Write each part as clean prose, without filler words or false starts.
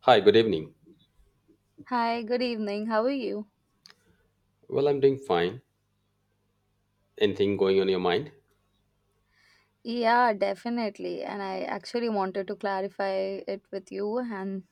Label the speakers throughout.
Speaker 1: Hi, good evening.
Speaker 2: Hi, good evening. How are you?
Speaker 1: Well, I'm doing fine. Anything going on your mind?
Speaker 2: Yeah, definitely. And I actually wanted to clarify it with you and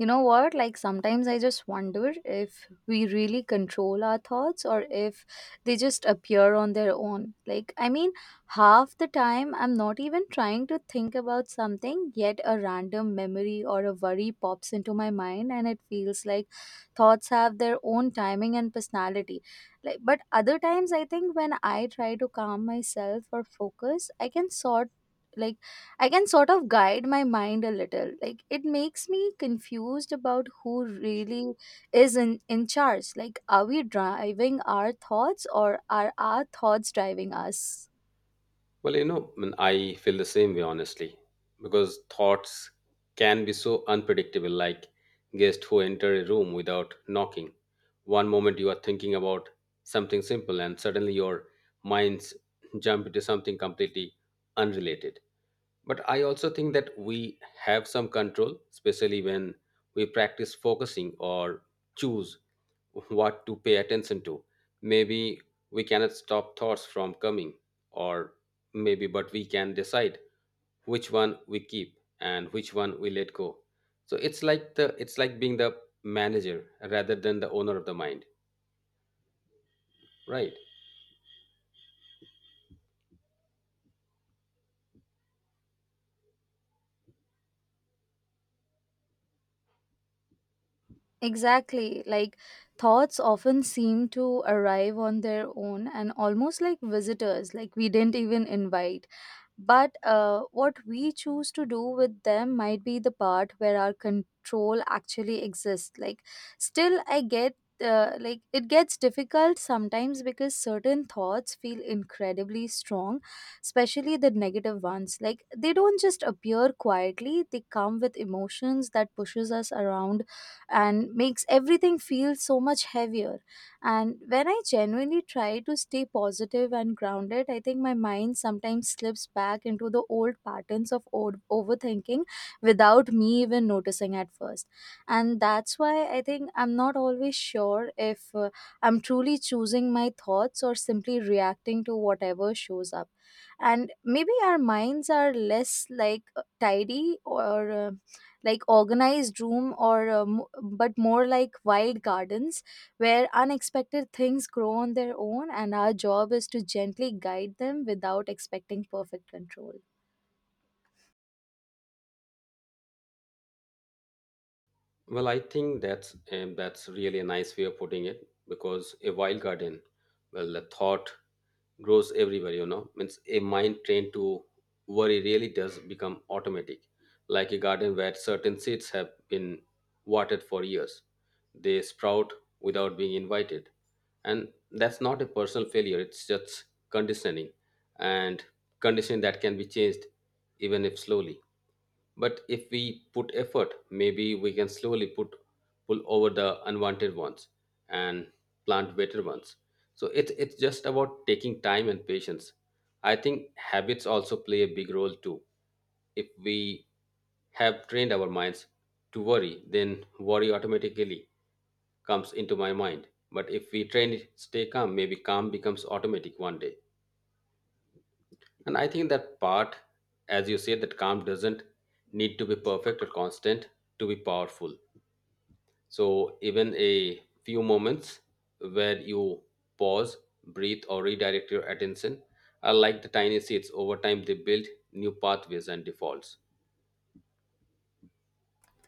Speaker 2: you know what? Like sometimes I just wonder if we really control our thoughts or if they just appear on their own. I mean, half the time I'm not even trying to think about something, yet a random memory or a worry pops into my mind, and it feels like thoughts have their own timing and personality. Like, but other times I think when I try to calm myself or focus, I can sort like I can sort of guide my mind a little. Like it makes me confused about who really is in charge. Like are we driving our thoughts or are our thoughts driving us?
Speaker 1: Well, I feel the same way, honestly, because thoughts can be so unpredictable, like guests who enter a room without knocking. One moment you are thinking about something simple, and suddenly your minds jump into something completely unrelated. But I also think that we have some control, especially when we practice focusing or choose what to pay attention to. Maybe we cannot stop thoughts from coming, or maybe, but we can decide which one we keep and which one we let go. So it's like being the manager rather than the owner of the mind, right?
Speaker 2: Exactly. Like thoughts often seem to arrive on their own and almost like visitors, like we didn't even invite. But what we choose to do with them might be the part where our control actually exists. Like, still, I get. Like it gets difficult sometimes because certain thoughts feel incredibly strong, especially the negative ones. Like they don't just appear quietly, they come with emotions that pushes us around and makes everything feel so much heavier. And when I genuinely try to stay positive and grounded, I think my mind sometimes slips back into the old patterns of old overthinking without me even noticing at first. And that's why I think I'm not always sure if I'm truly choosing my thoughts or simply reacting to whatever shows up. And maybe our minds are less like tidy or like organized room or but more like wild gardens where unexpected things grow on their own, and our job is to gently guide them without expecting perfect control.
Speaker 1: Well, I think that's really a nice way of putting it because a wild garden, well, the thought grows everywhere. You know, means a mind trained to worry really does become automatic, like a garden where certain seeds have been watered for years. They sprout without being invited, and that's not a personal failure. It's just conditioning, and conditioning that can be changed, even if slowly. But if we put effort, maybe we can slowly put pull over the unwanted ones and plant better ones. So it's just about taking time and patience. I think habits also play a big role too. If we have trained our minds to worry, then worry automatically comes into my mind. But if we train it, stay calm, maybe calm becomes automatic one day. And I think that part, as you said, that calm doesn't need to be perfect or constant to be powerful. So even a few moments where you pause, breathe, or redirect your attention are like the tiny seeds. Over time, they build new pathways and defaults.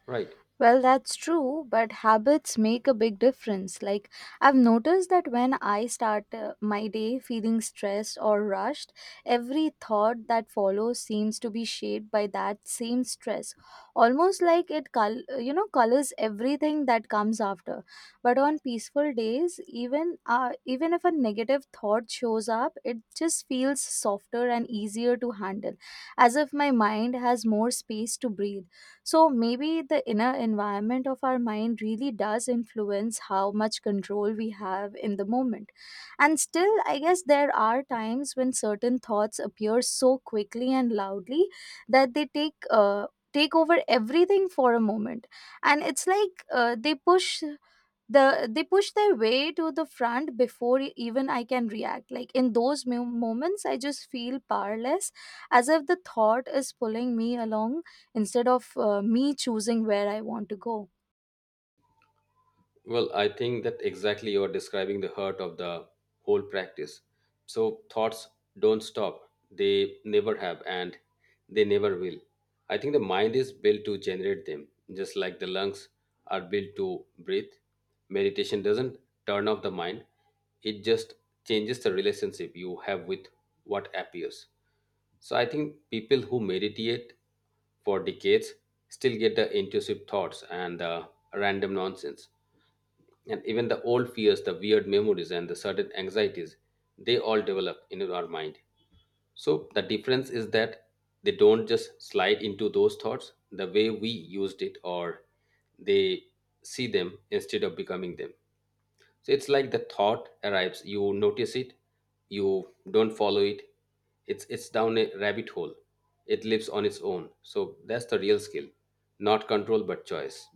Speaker 1: Right.
Speaker 2: Well, that's true, but habits make a big difference. Like, I've noticed that when I start my day feeling stressed or rushed, every thought that follows seems to be shaped by that same stress. Almost like it, colors everything that comes after. But on peaceful days, even if a negative thought shows up, it just feels softer and easier to handle, as if my mind has more space to breathe. So maybe the inner environment of our mind really does influence how much control we have in the moment. And still, I guess there are times when certain thoughts appear so quickly and loudly that they take over everything for a moment, and it's like they push their way to the front before even I can react. Like in those moments I just feel powerless, as if the thought is pulling me along instead of me choosing where I want to go.
Speaker 1: Well, I think that exactly you are describing the heart of the whole practice. So thoughts don't stop. They never have and they never will. I think the mind is built to generate them, just like the lungs are built to breathe. Meditation doesn't turn off the mind, it just changes the relationship you have with what appears. So I think people who meditate for decades still get the intrusive thoughts and the random nonsense and even the old fears, the weird memories, and the certain anxieties. They all develop in our mind, so the difference is that they don't just slide into those thoughts the way we used it, or they see them instead of becoming them. So it's like the thought arrives, you notice it, you don't follow it. It's down a rabbit hole, it lives on its own. So that's the real skill, not control but choice.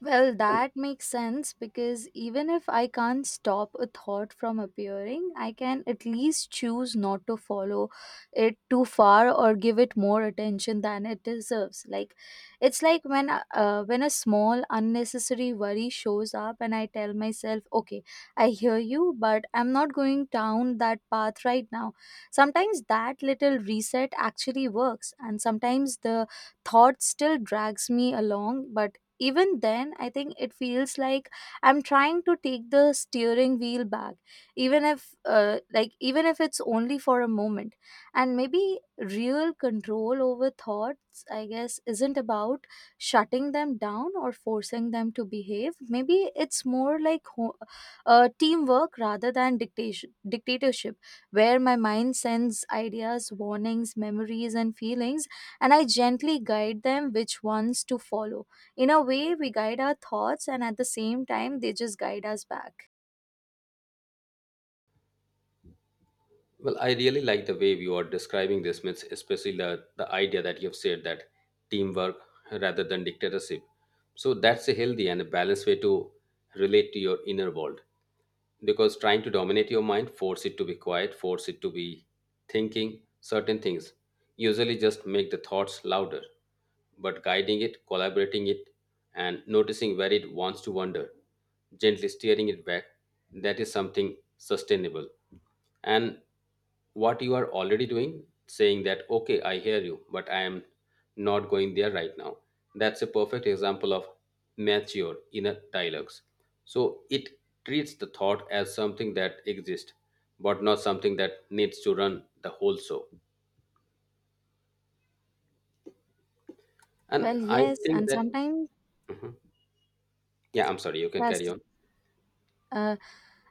Speaker 2: Well, that makes sense because even if I can't stop a thought from appearing, I can at least choose not to follow it too far or give it more attention than it deserves. Like it's like when a small unnecessary worry shows up and I tell myself, "Okay, I hear you, but I'm not going down that path right now." Sometimes that little reset actually works, and sometimes the thought still drags me along, but even then I think it feels like I'm trying to take the steering wheel back, even if like even if it's only for a moment. And maybe real control over thoughts I guess isn't about shutting them down or forcing them to behave. Maybe it's more like teamwork rather than dictation dictatorship, where my mind sends ideas, warnings, memories and feelings, and I gently guide them which ones to follow. In a way, we guide our thoughts, and at the same time, they just guide us back.
Speaker 1: Well, I really like the way you are describing this, myth, especially the idea that you've said that teamwork rather than dictatorship. So that's a healthy and a balanced way to relate to your inner world because trying to dominate your mind, force it to be quiet, force it to be thinking certain things, usually just make the thoughts louder. But guiding it, collaborating it, and noticing where it wants to wander, gently steering it back, that is something sustainable, and what you are already doing, saying that, okay, I hear you, but I am not going there right now. That's a perfect example of mature inner dialogues. So it treats the thought as something that exists, but not something that needs to run the whole show. And
Speaker 2: Well,
Speaker 1: I
Speaker 2: yes,
Speaker 1: think
Speaker 2: and
Speaker 1: that,
Speaker 2: sometimes
Speaker 1: yeah, I'm sorry, you can carry
Speaker 2: that's
Speaker 1: on.
Speaker 2: uh,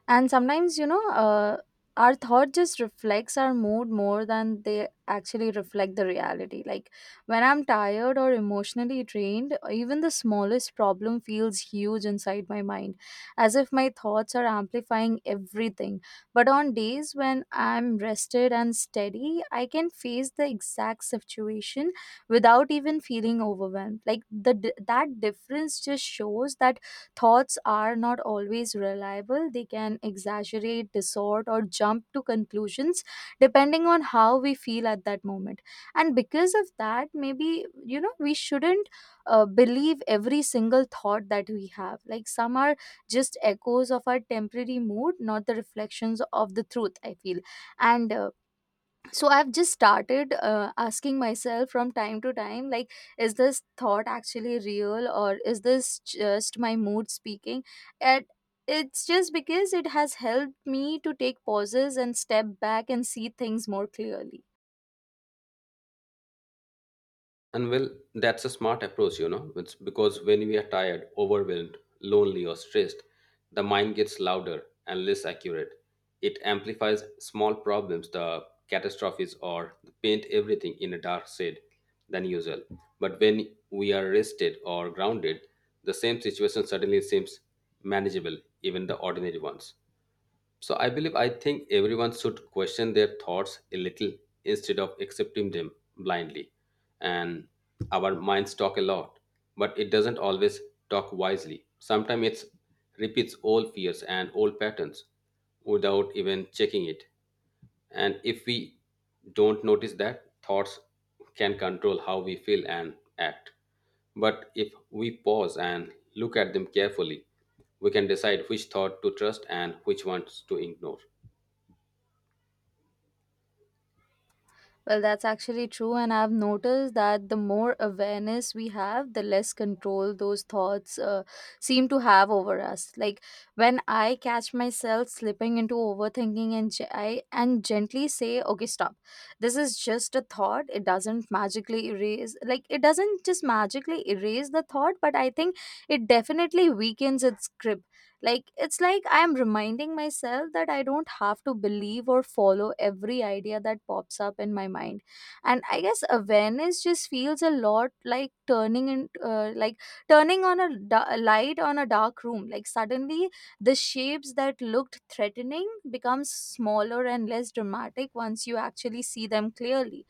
Speaker 2: and sometimes our thought just reflects our mood more than they actually reflect the reality. Like when I'm tired or emotionally drained, even the smallest problem feels huge inside my mind, as if my thoughts are amplifying everything. But on days when I'm rested and steady, I can face the exact situation without even feeling overwhelmed. Like that difference just shows that thoughts are not always reliable. They can exaggerate, distort, or jump to conclusions depending on how we feel at that moment. And because of that, maybe, you know, we shouldn't believe every single thought that we have. Like some are just echoes of our temporary mood, not the reflections of the truth, I feel. And So I've just started asking myself from time to time, like, is this thought actually real or is this just my mood speaking? And it's just because it has helped me to take pauses and step back and see things more clearly.
Speaker 1: And well, that's a smart approach, you know, it's because when we are tired, overwhelmed, lonely, or stressed, the mind gets louder and less accurate. It amplifies small problems, the catastrophes, or paint everything in a dark shade than usual. But when we are rested or grounded, the same situation suddenly seems manageable, even the ordinary ones. So I believe I think everyone should question their thoughts a little instead of accepting them blindly. And our minds talk a lot, but it doesn't always talk wisely. Sometimes it repeats old fears and old patterns without even checking it. And if we don't notice that, thoughts can control how we feel and act. But if we pause and look at them carefully, we can decide which thought to trust and which ones to ignore.
Speaker 2: Well, that's actually true. And I've noticed that the more awareness we have, the less control those thoughts seem to have over us. Like when I catch myself slipping into overthinking and ge- I and gently say, okay, stop. This is just a thought. It doesn't just magically erase the thought, but I think it definitely weakens its grip. Like it's like I am reminding myself that I don't have to believe or follow every idea that pops up in my mind. And I guess awareness just feels a lot like turning in like turning on a light on a dark room. Like suddenly the shapes that looked threatening becomes smaller and less dramatic once you actually see them clearly.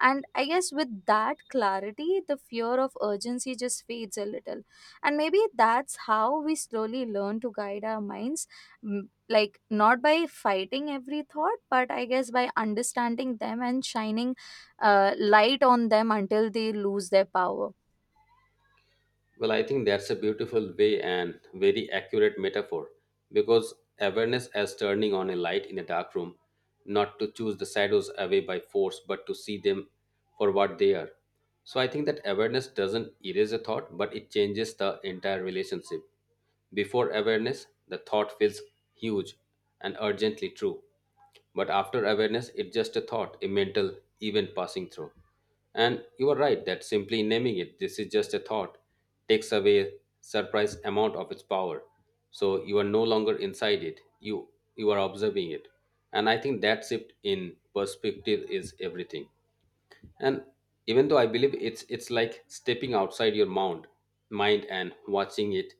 Speaker 2: And I guess with that clarity the fear of urgency just fades a little. And maybe that's how we slowly learn to guide our minds, like not by fighting every thought but I guess by understanding them and shining light on them until they lose their power.
Speaker 1: Well, I think that's a beautiful way and very accurate metaphor because awareness as turning on a light in a dark room, not to choose the shadows away by force, but to see them for what they are. So I think that awareness doesn't erase a thought, but it changes the entire relationship. Before awareness, the thought feels huge and urgently true. But after awareness, it's just a thought, a mental event passing through. And you are right that simply naming it, this is just a thought, takes away surprise amount of its power. So you are no longer inside it. You are observing it. And I think that shift in perspective is everything, and even though I believe it's like stepping outside your mound mind and watching it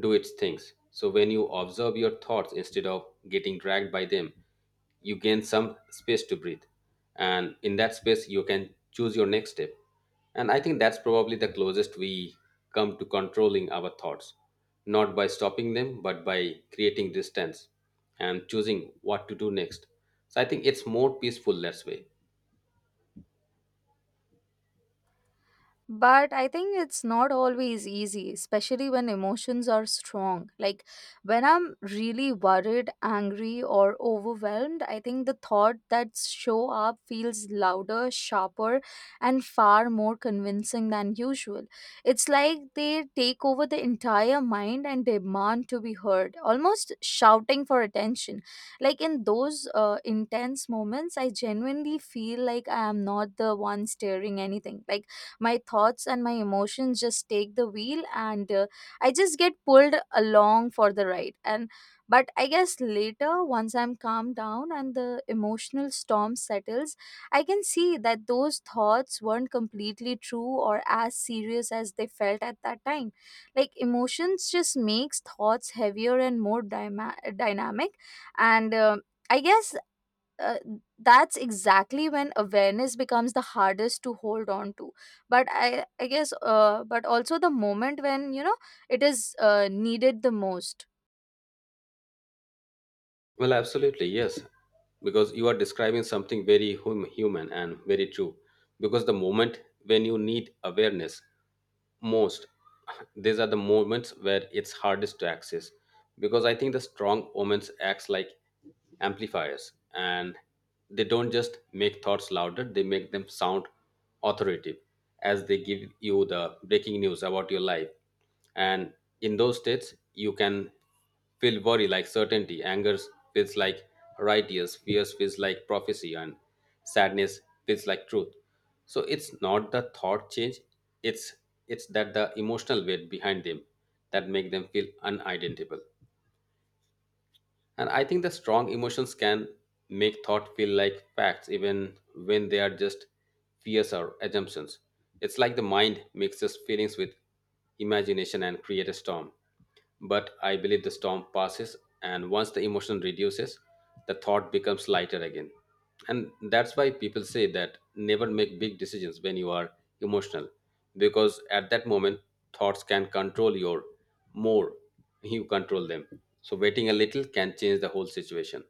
Speaker 1: do its things. So when you observe your thoughts instead of getting dragged by them, you gain some space to breathe, and in that space you can choose your next step. And I think that's probably the closest we come to controlling our thoughts, not by stopping them but by creating distance and choosing what to do next. So I think it's more peaceful that way.
Speaker 2: But I think it's not always easy, especially when emotions are strong. Like when I'm really worried, angry, or overwhelmed, I think the thought that show up feels louder, sharper, and far more convincing than usual. It's like they take over the entire mind and demand to be heard, almost shouting for attention. Like in those intense moments, I genuinely feel like I am not the one steering anything. Like my thoughts and my emotions just take the wheel, and I just get pulled along for the ride. And but I guess later once I'm calmed down and the emotional storm settles, I can see that those thoughts weren't completely true or as serious as they felt at that time. Like emotions just makes thoughts heavier and more dynamic. And I guess uh, that's exactly when awareness becomes the hardest to hold on to, but I guess but also the moment when, you know, it is needed the most.
Speaker 1: Well, absolutely, yes. Because you are describing something very human and very true. Because the moment when you need awareness most, these are the moments where it's hardest to access. Because I think the strong omens acts like amplifiers, and they don't just make thoughts louder, they make them sound authoritative, as they give you the breaking news about your life. And in those states, you can feel worry like certainty, anger feels like righteous, fears feels like prophecy, and sadness feels like truth. So it's not the thought change, it's it's that the emotional weight behind them that make them feel unidentifiable. And I think the strong emotions can make thought feel like facts even when they are just fears or assumptions. It's like the mind mixes feelings with imagination and create a storm. But I believe the storm passes, and once the emotion reduces, the thought becomes lighter again. And that's why people say that never make big decisions when you are emotional, because at that moment, thoughts can control your more, you control them. So, waiting a little can change the whole situation.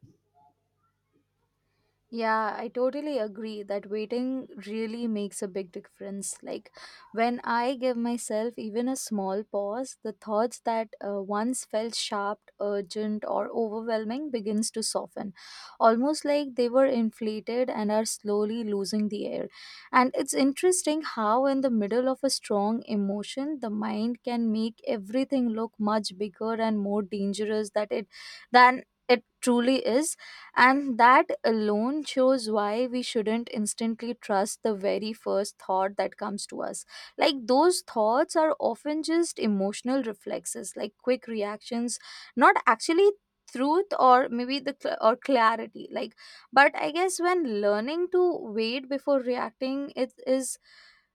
Speaker 2: Yeah, I totally agree that waiting really makes a big difference. Like when I give myself even a small pause, the thoughts that once felt sharp, urgent or overwhelming begins to soften, almost like they were inflated and are slowly losing the air. And it's interesting how in the middle of a strong emotion, the mind can make everything look much bigger and more dangerous that it than it truly is. And that alone shows why we shouldn't instantly trust the very first thought that comes to us. Like, those thoughts are often just emotional reflexes, like quick reactions, not actually truth or maybe the cl- or clarity. Like but I guess when learning to wait before reacting it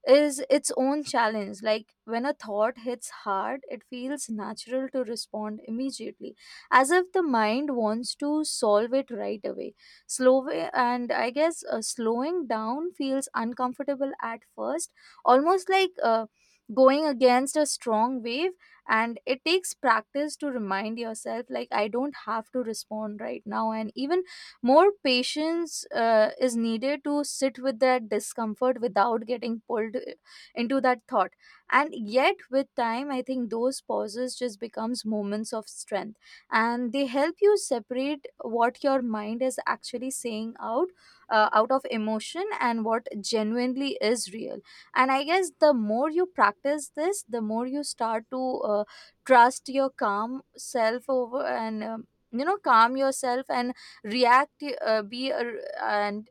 Speaker 2: is its own challenge. Like when a thought hits hard it feels natural to respond immediately, as if the mind wants to solve it right away. Slow way, and I guess slowing down feels uncomfortable at first, almost like going against a strong wave. And it takes practice to remind yourself, like, I don't have to respond right now. And even more patience is needed to sit with that discomfort without getting pulled into that thought. And yet with time I think those pauses just becomes moments of strength, and they help you separate what your mind is actually saying out of emotion and what genuinely is real. And I guess the more you practice this the more you start to trust your calm self over and you know calm yourself and react be a, and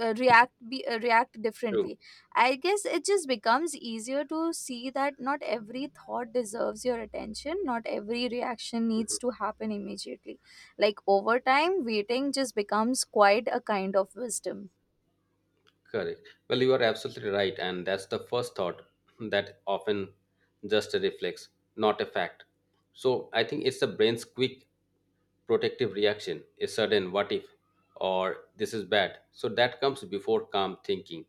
Speaker 2: react be react
Speaker 1: True.
Speaker 2: differently. I guess it just becomes easier to see that not every thought deserves your attention, not every reaction needs to happen immediately. Like over time waiting just becomes quite a kind of wisdom.
Speaker 1: Correct. Well, you are absolutely right, and that's the first thought that often just a reflex, not a fact. So I think it's the brain's quick protective reaction, a sudden what if, or this is bad. So that comes before calm thinking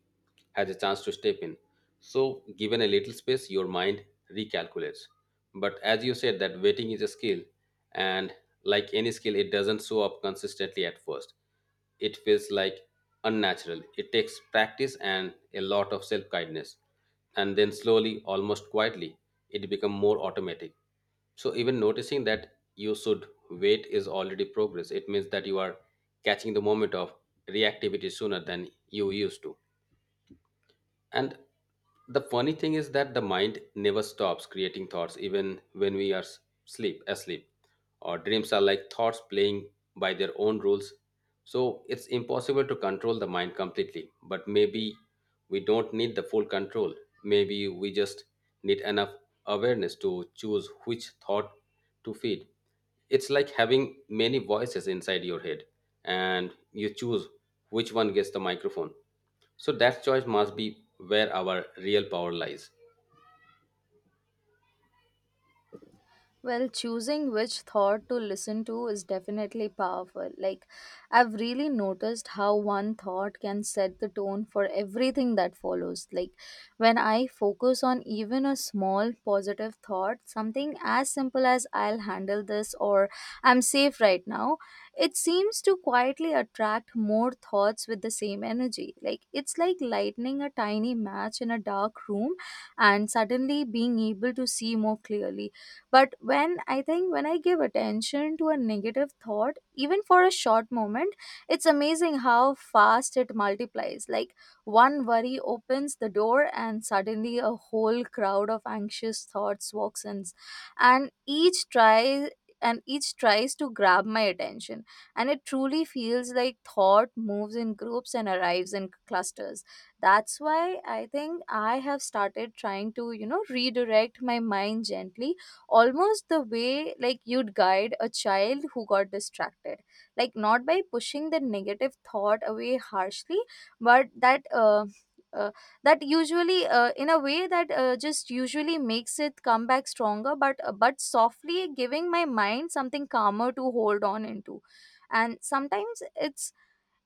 Speaker 1: has a chance to step in. So given a little space, your mind recalculates. But as you said, that waiting is a skill, and like any skill, it doesn't show up consistently at first. It feels like unnatural. It takes practice and a lot of self kindness. And then slowly, almost quietly, it becomes more automatic. So even noticing that you should wait is already progress. It means that you are catching the moment of reactivity sooner than you used to. And the funny thing is that the mind never stops creating thoughts even when we are sleep asleep. Our dreams are like thoughts playing by their own rules. So it's impossible to control the mind completely. But maybe we don't need the full control. Maybe we just need enough awareness to choose which thought to feed. It's like having many voices inside your head, and you choose which one gets the microphone. So that choice must be where our real power lies.
Speaker 2: Well, choosing which thought to listen to is definitely powerful. Like, I've really noticed how one thought can set the tone for everything that follows. Like, when I focus on even a small positive thought, something as simple as I'll handle this or I'm safe right now, it seems to quietly attract more thoughts with the same energy. Like, it's like lighting a tiny match in a dark room and suddenly being able to see more clearly. But when I give attention to a negative thought even for a short moment, it's amazing how fast it multiplies. Like, one worry opens the door and suddenly a whole crowd of anxious thoughts walks in, and each tries to grab my attention. And it truly feels like thought moves in groups and arrives in clusters. That's why I think I have started trying to redirect my mind gently, almost the way like you'd guide a child who got distracted. Like, not by pushing the negative thought away harshly, but that uh, that usually in a way that just usually makes it come back stronger, but softly giving my mind something calmer to hold on into. And sometimes it's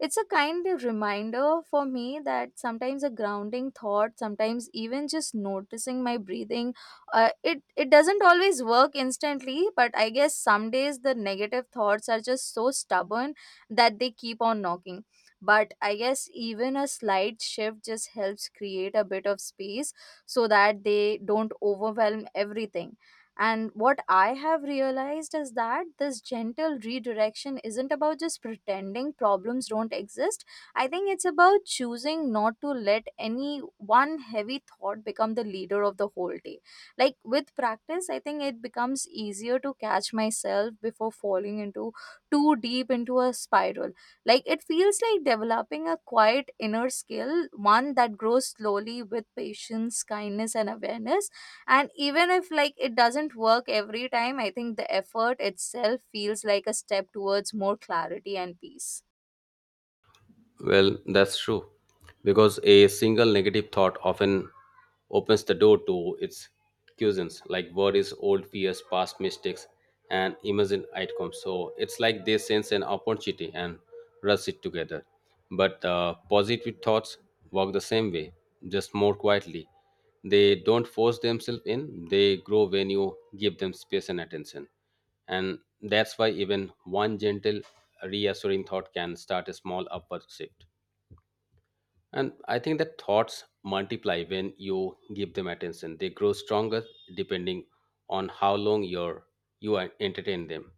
Speaker 2: it's a kind of reminder for me that sometimes a grounding thought, sometimes even just noticing my breathing, it doesn't always work instantly. But I guess some days the negative thoughts are just so stubborn that they keep on knocking. But I guess even a slight shift just helps create a bit of space so that they don't overwhelm everything. And what I have realized is that this gentle redirection isn't about just pretending problems don't exist. I think it's about choosing not to let any one heavy thought become the leader of the whole day. Like, with practice, I think it becomes easier to catch myself before falling into too deep into a spiral. Like, it feels like developing a quiet inner skill, one that grows slowly with patience, kindness, and awareness. And even if like it doesn't work every time, I think the effort itself feels like a step towards more clarity and peace.
Speaker 1: Well, that's true. Because a single negative thought often opens the door to its cuisines, like worries, old fears, past mistakes, and imagined outcomes. So it's like they sense an opportunity and rush it together. But positive thoughts work the same way, just more quietly. They don't force themselves in, they grow when you give them space and attention. And that's why even one gentle, reassuring thought can start a small upward shift. And I think that thoughts multiply when you give them attention. They grow stronger depending on how you are entertain them.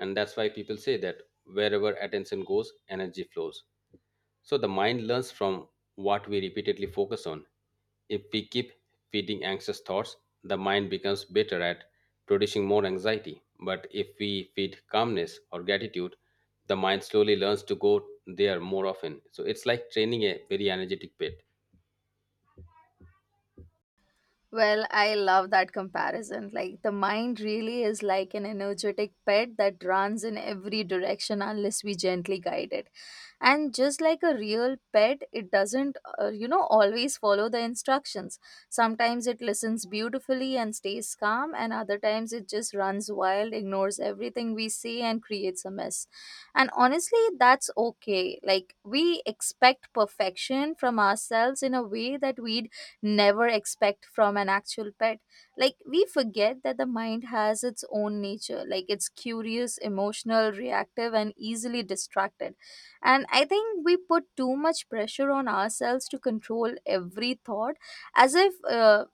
Speaker 1: And that's why people say that wherever attention goes, energy flows. So the mind learns from what we repeatedly focus on. If we keep feeding anxious thoughts, the mind becomes better at producing more anxiety. But if we feed calmness or gratitude, the mind slowly learns to go there more often. So it's like training a very energetic pet.
Speaker 2: Well, I love that comparison. Like, the mind really is like an energetic pet that runs in every direction unless we gently guide it. And just like a real pet, it doesn't, you know, always follow the instructions. Sometimes it listens beautifully and stays calm, and other times it just runs wild, ignores everything we say, and creates a mess. And honestly, that's okay. Like, we expect perfection from ourselves in a way that we'd never expect from an actual pet. Like, we forget that the mind has its own nature. Like, it's curious, emotional, reactive, and easily distracted. And I think we put too much pressure on ourselves to control every thought as if. Uh,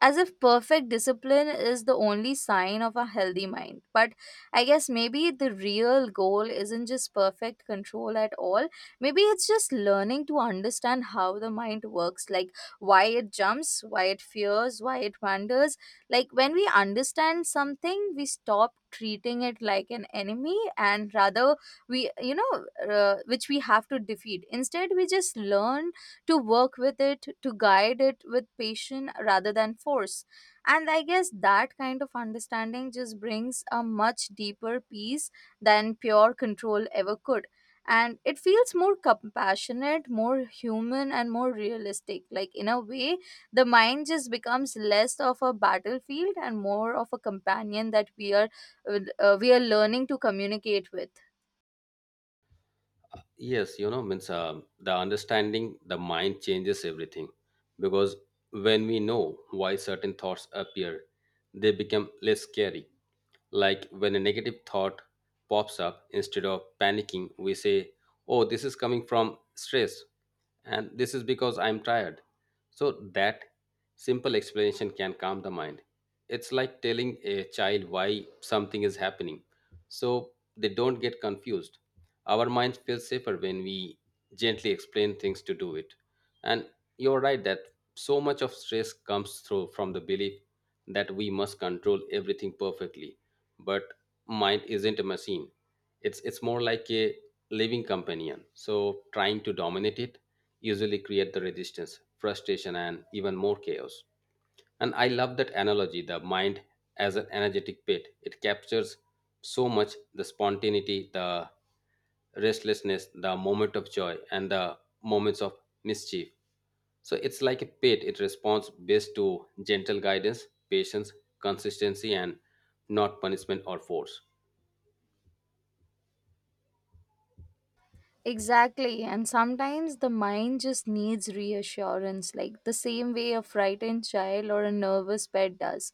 Speaker 2: as if perfect discipline is the only sign of a healthy mind. But I guess maybe the real goal isn't just perfect control at all. Maybe it's just learning to understand how the mind works, like why it jumps, why it fears, why it wanders. Like, when we understand something, we stop treating it like an enemy, and rather we you know which we have to defeat. Instead we just learn to work with it, to guide it with patience rather than force. And I guess that kind of understanding just brings a much deeper peace than pure control ever could. And it feels more compassionate, more human, and more realistic. Like, in a way, the mind just becomes less of a battlefield and more of a companion that we are learning to communicate with.
Speaker 1: Yes, you know, means the understanding the mind changes everything because when we know why certain thoughts appear, they become less scary. Like when a negative thought pops up, instead of panicking, we say, oh, this is coming from stress, and this is because I'm tired. So that simple explanation can calm the mind. It's like telling a child why something is happening so they don't get confused. Our minds feel safer when we gently explain things to do it. And you're right that so much of stress comes through from the belief that we must control everything perfectly, but mind isn't a machine, it's more like a living companion. So trying to dominate it usually create the resistance, frustration, and even more chaos. And I love that analogy, the mind as an energetic pit, it captures so much, the spontaneity, the restlessness, the moment of joy, and the moments of mischief. So it's like a pit, it responds best to gentle guidance, patience, consistency, and not punishment or force.
Speaker 2: Exactly. And sometimes the mind just needs reassurance, like the same way a frightened child or a nervous pet does.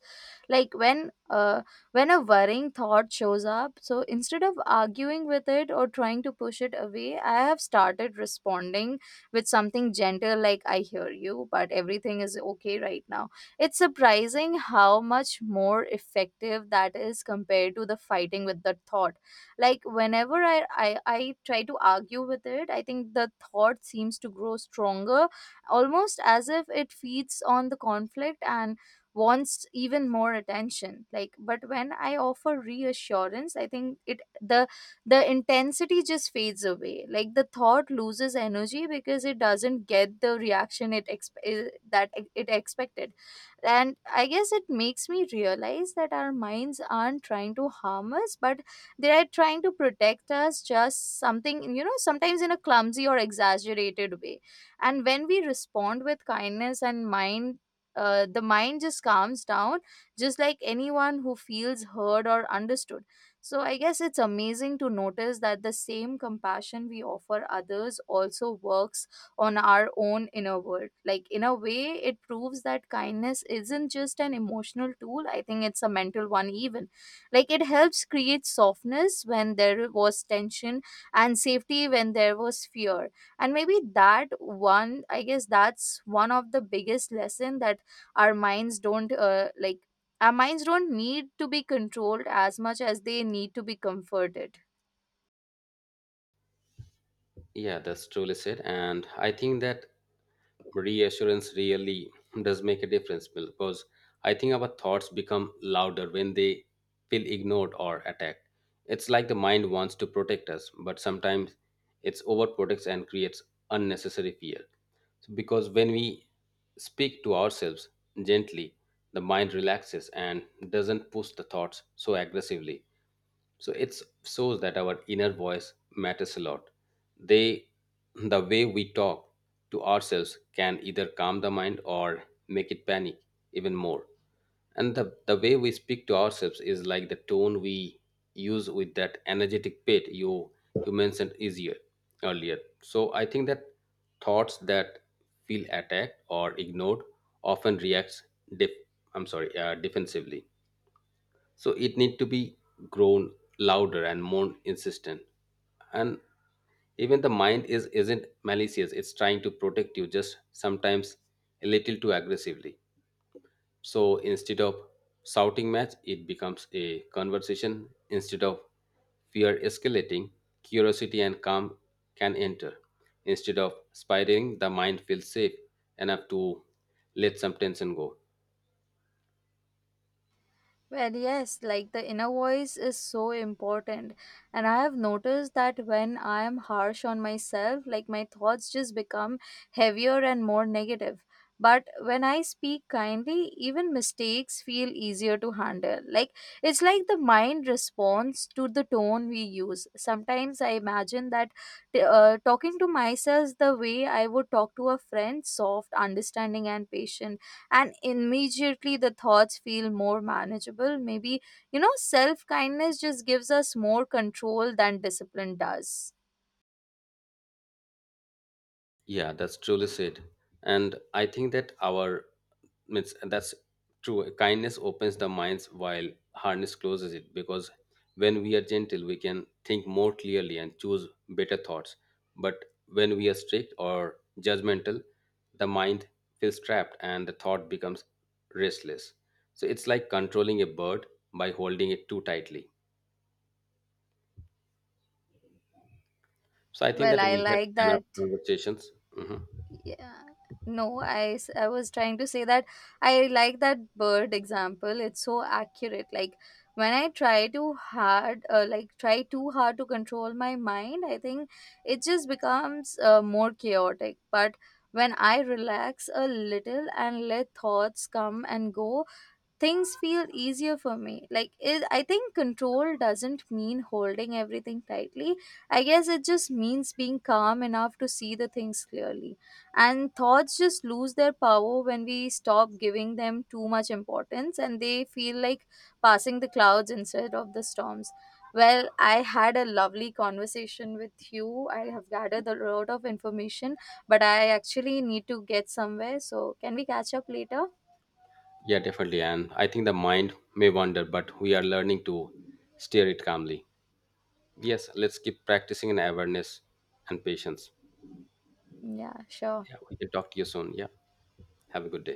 Speaker 2: Like, when a worrying thought shows up, so instead of arguing with it or trying to push it away, I have started responding with something gentle like I hear you, but everything is okay right now. It's surprising how much more effective that is compared to the fighting with the thought. Like, whenever I try to argue with it, I think the thought seems to grow stronger, almost as if it feeds on the conflict and wants even more attention. Like, but when I offer reassurance, I think it the intensity just fades away. Like, the thought loses energy because it doesn't get the reaction it exp- eh, that e-, it expected. And I guess it makes me realize that our minds aren't trying to harm us, but they are trying to protect us, just something you know sometimes in a clumsy or exaggerated way. And when we respond with kindness and mind, the mind just calms down, just like anyone who feels heard or understood. So I guess it's amazing to notice that the same compassion we offer others also works on our own inner world. Like, in a way, it proves that kindness isn't just an emotional tool, I think it's a mental one even. Like, it helps create softness when there was tension, and safety when there was fear. And maybe that one, I guess that's one of the biggest lesson that our minds don't uh, like our minds don't need to be controlled as much as they need to be comforted.
Speaker 1: Yeah, that's truly said. And I think that reassurance really does make a difference because I think our thoughts become louder when they feel ignored or attacked. It's like the mind wants to protect us, but sometimes it's overprotects and creates unnecessary fear. So because when we speak to ourselves gently, the mind relaxes and doesn't push the thoughts so aggressively. So it shows that our inner voice matters a lot. They the, way we talk to ourselves can either calm the mind or make it panic even more. And the way we speak to ourselves is like the tone we use with that energetic pit you mentioned easier earlier. So I think that thoughts that feel attacked or ignored often reacts def- I'm sorry defensively. So it need to be grown louder and more insistent. And even the mind is isn't malicious, it's trying to protect you, just sometimes a little too aggressively. So instead of shouting match it becomes a conversation, instead of fear escalating, curiosity and calm can enter, instead of spiraling, the mind feels safe enough to let some tension go.
Speaker 2: Well, yes, like the inner voice is so important. And I have noticed that when I am harsh on myself, like my thoughts just become heavier and more negative. But when I speak kindly, even mistakes feel easier to handle. Like, it's like the mind responds to the tone we use. Sometimes I imagine that talking to myself the way I would talk to a friend, soft, understanding, and patient, and immediately the thoughts feel more manageable. Maybe, you know, self kindness just gives us more control than discipline does.
Speaker 1: Yeah, that's truly said. And I think that our means that's true. Kindness opens the minds while hardness closes it because when we are gentle, we can think more clearly and choose better thoughts. But when we are strict or judgmental, the mind feels trapped and the thought becomes restless. So it's like controlling a bird by holding it too tightly. So I think
Speaker 2: Well,
Speaker 1: that
Speaker 2: I
Speaker 1: we had
Speaker 2: like
Speaker 1: enough
Speaker 2: that.
Speaker 1: conversations. Mhm.
Speaker 2: Yeah. No, I was trying to say that I like that bird example. It's so accurate. Like, when I try too hard, like try too hard to control my mind, I think it just becomes more chaotic. But when I relax a little and let thoughts come and go, things feel easier for me. Like it, I think control doesn't mean holding everything tightly. I guess it just means being calm enough to see the things clearly. And thoughts just lose their power when we stop giving them too much importance, and they feel like passing the clouds instead of the storms. Well, I had a lovely conversation with you. I have gathered a lot of information, but I actually need to get somewhere, so can we catch up later?
Speaker 1: Yeah, definitely. And I think the mind may wander, but we are learning to steer it calmly. Yes, let's keep practicing in awareness and patience.
Speaker 2: Yeah, sure.
Speaker 1: Yeah, we can talk to you soon. Yeah, have a good day.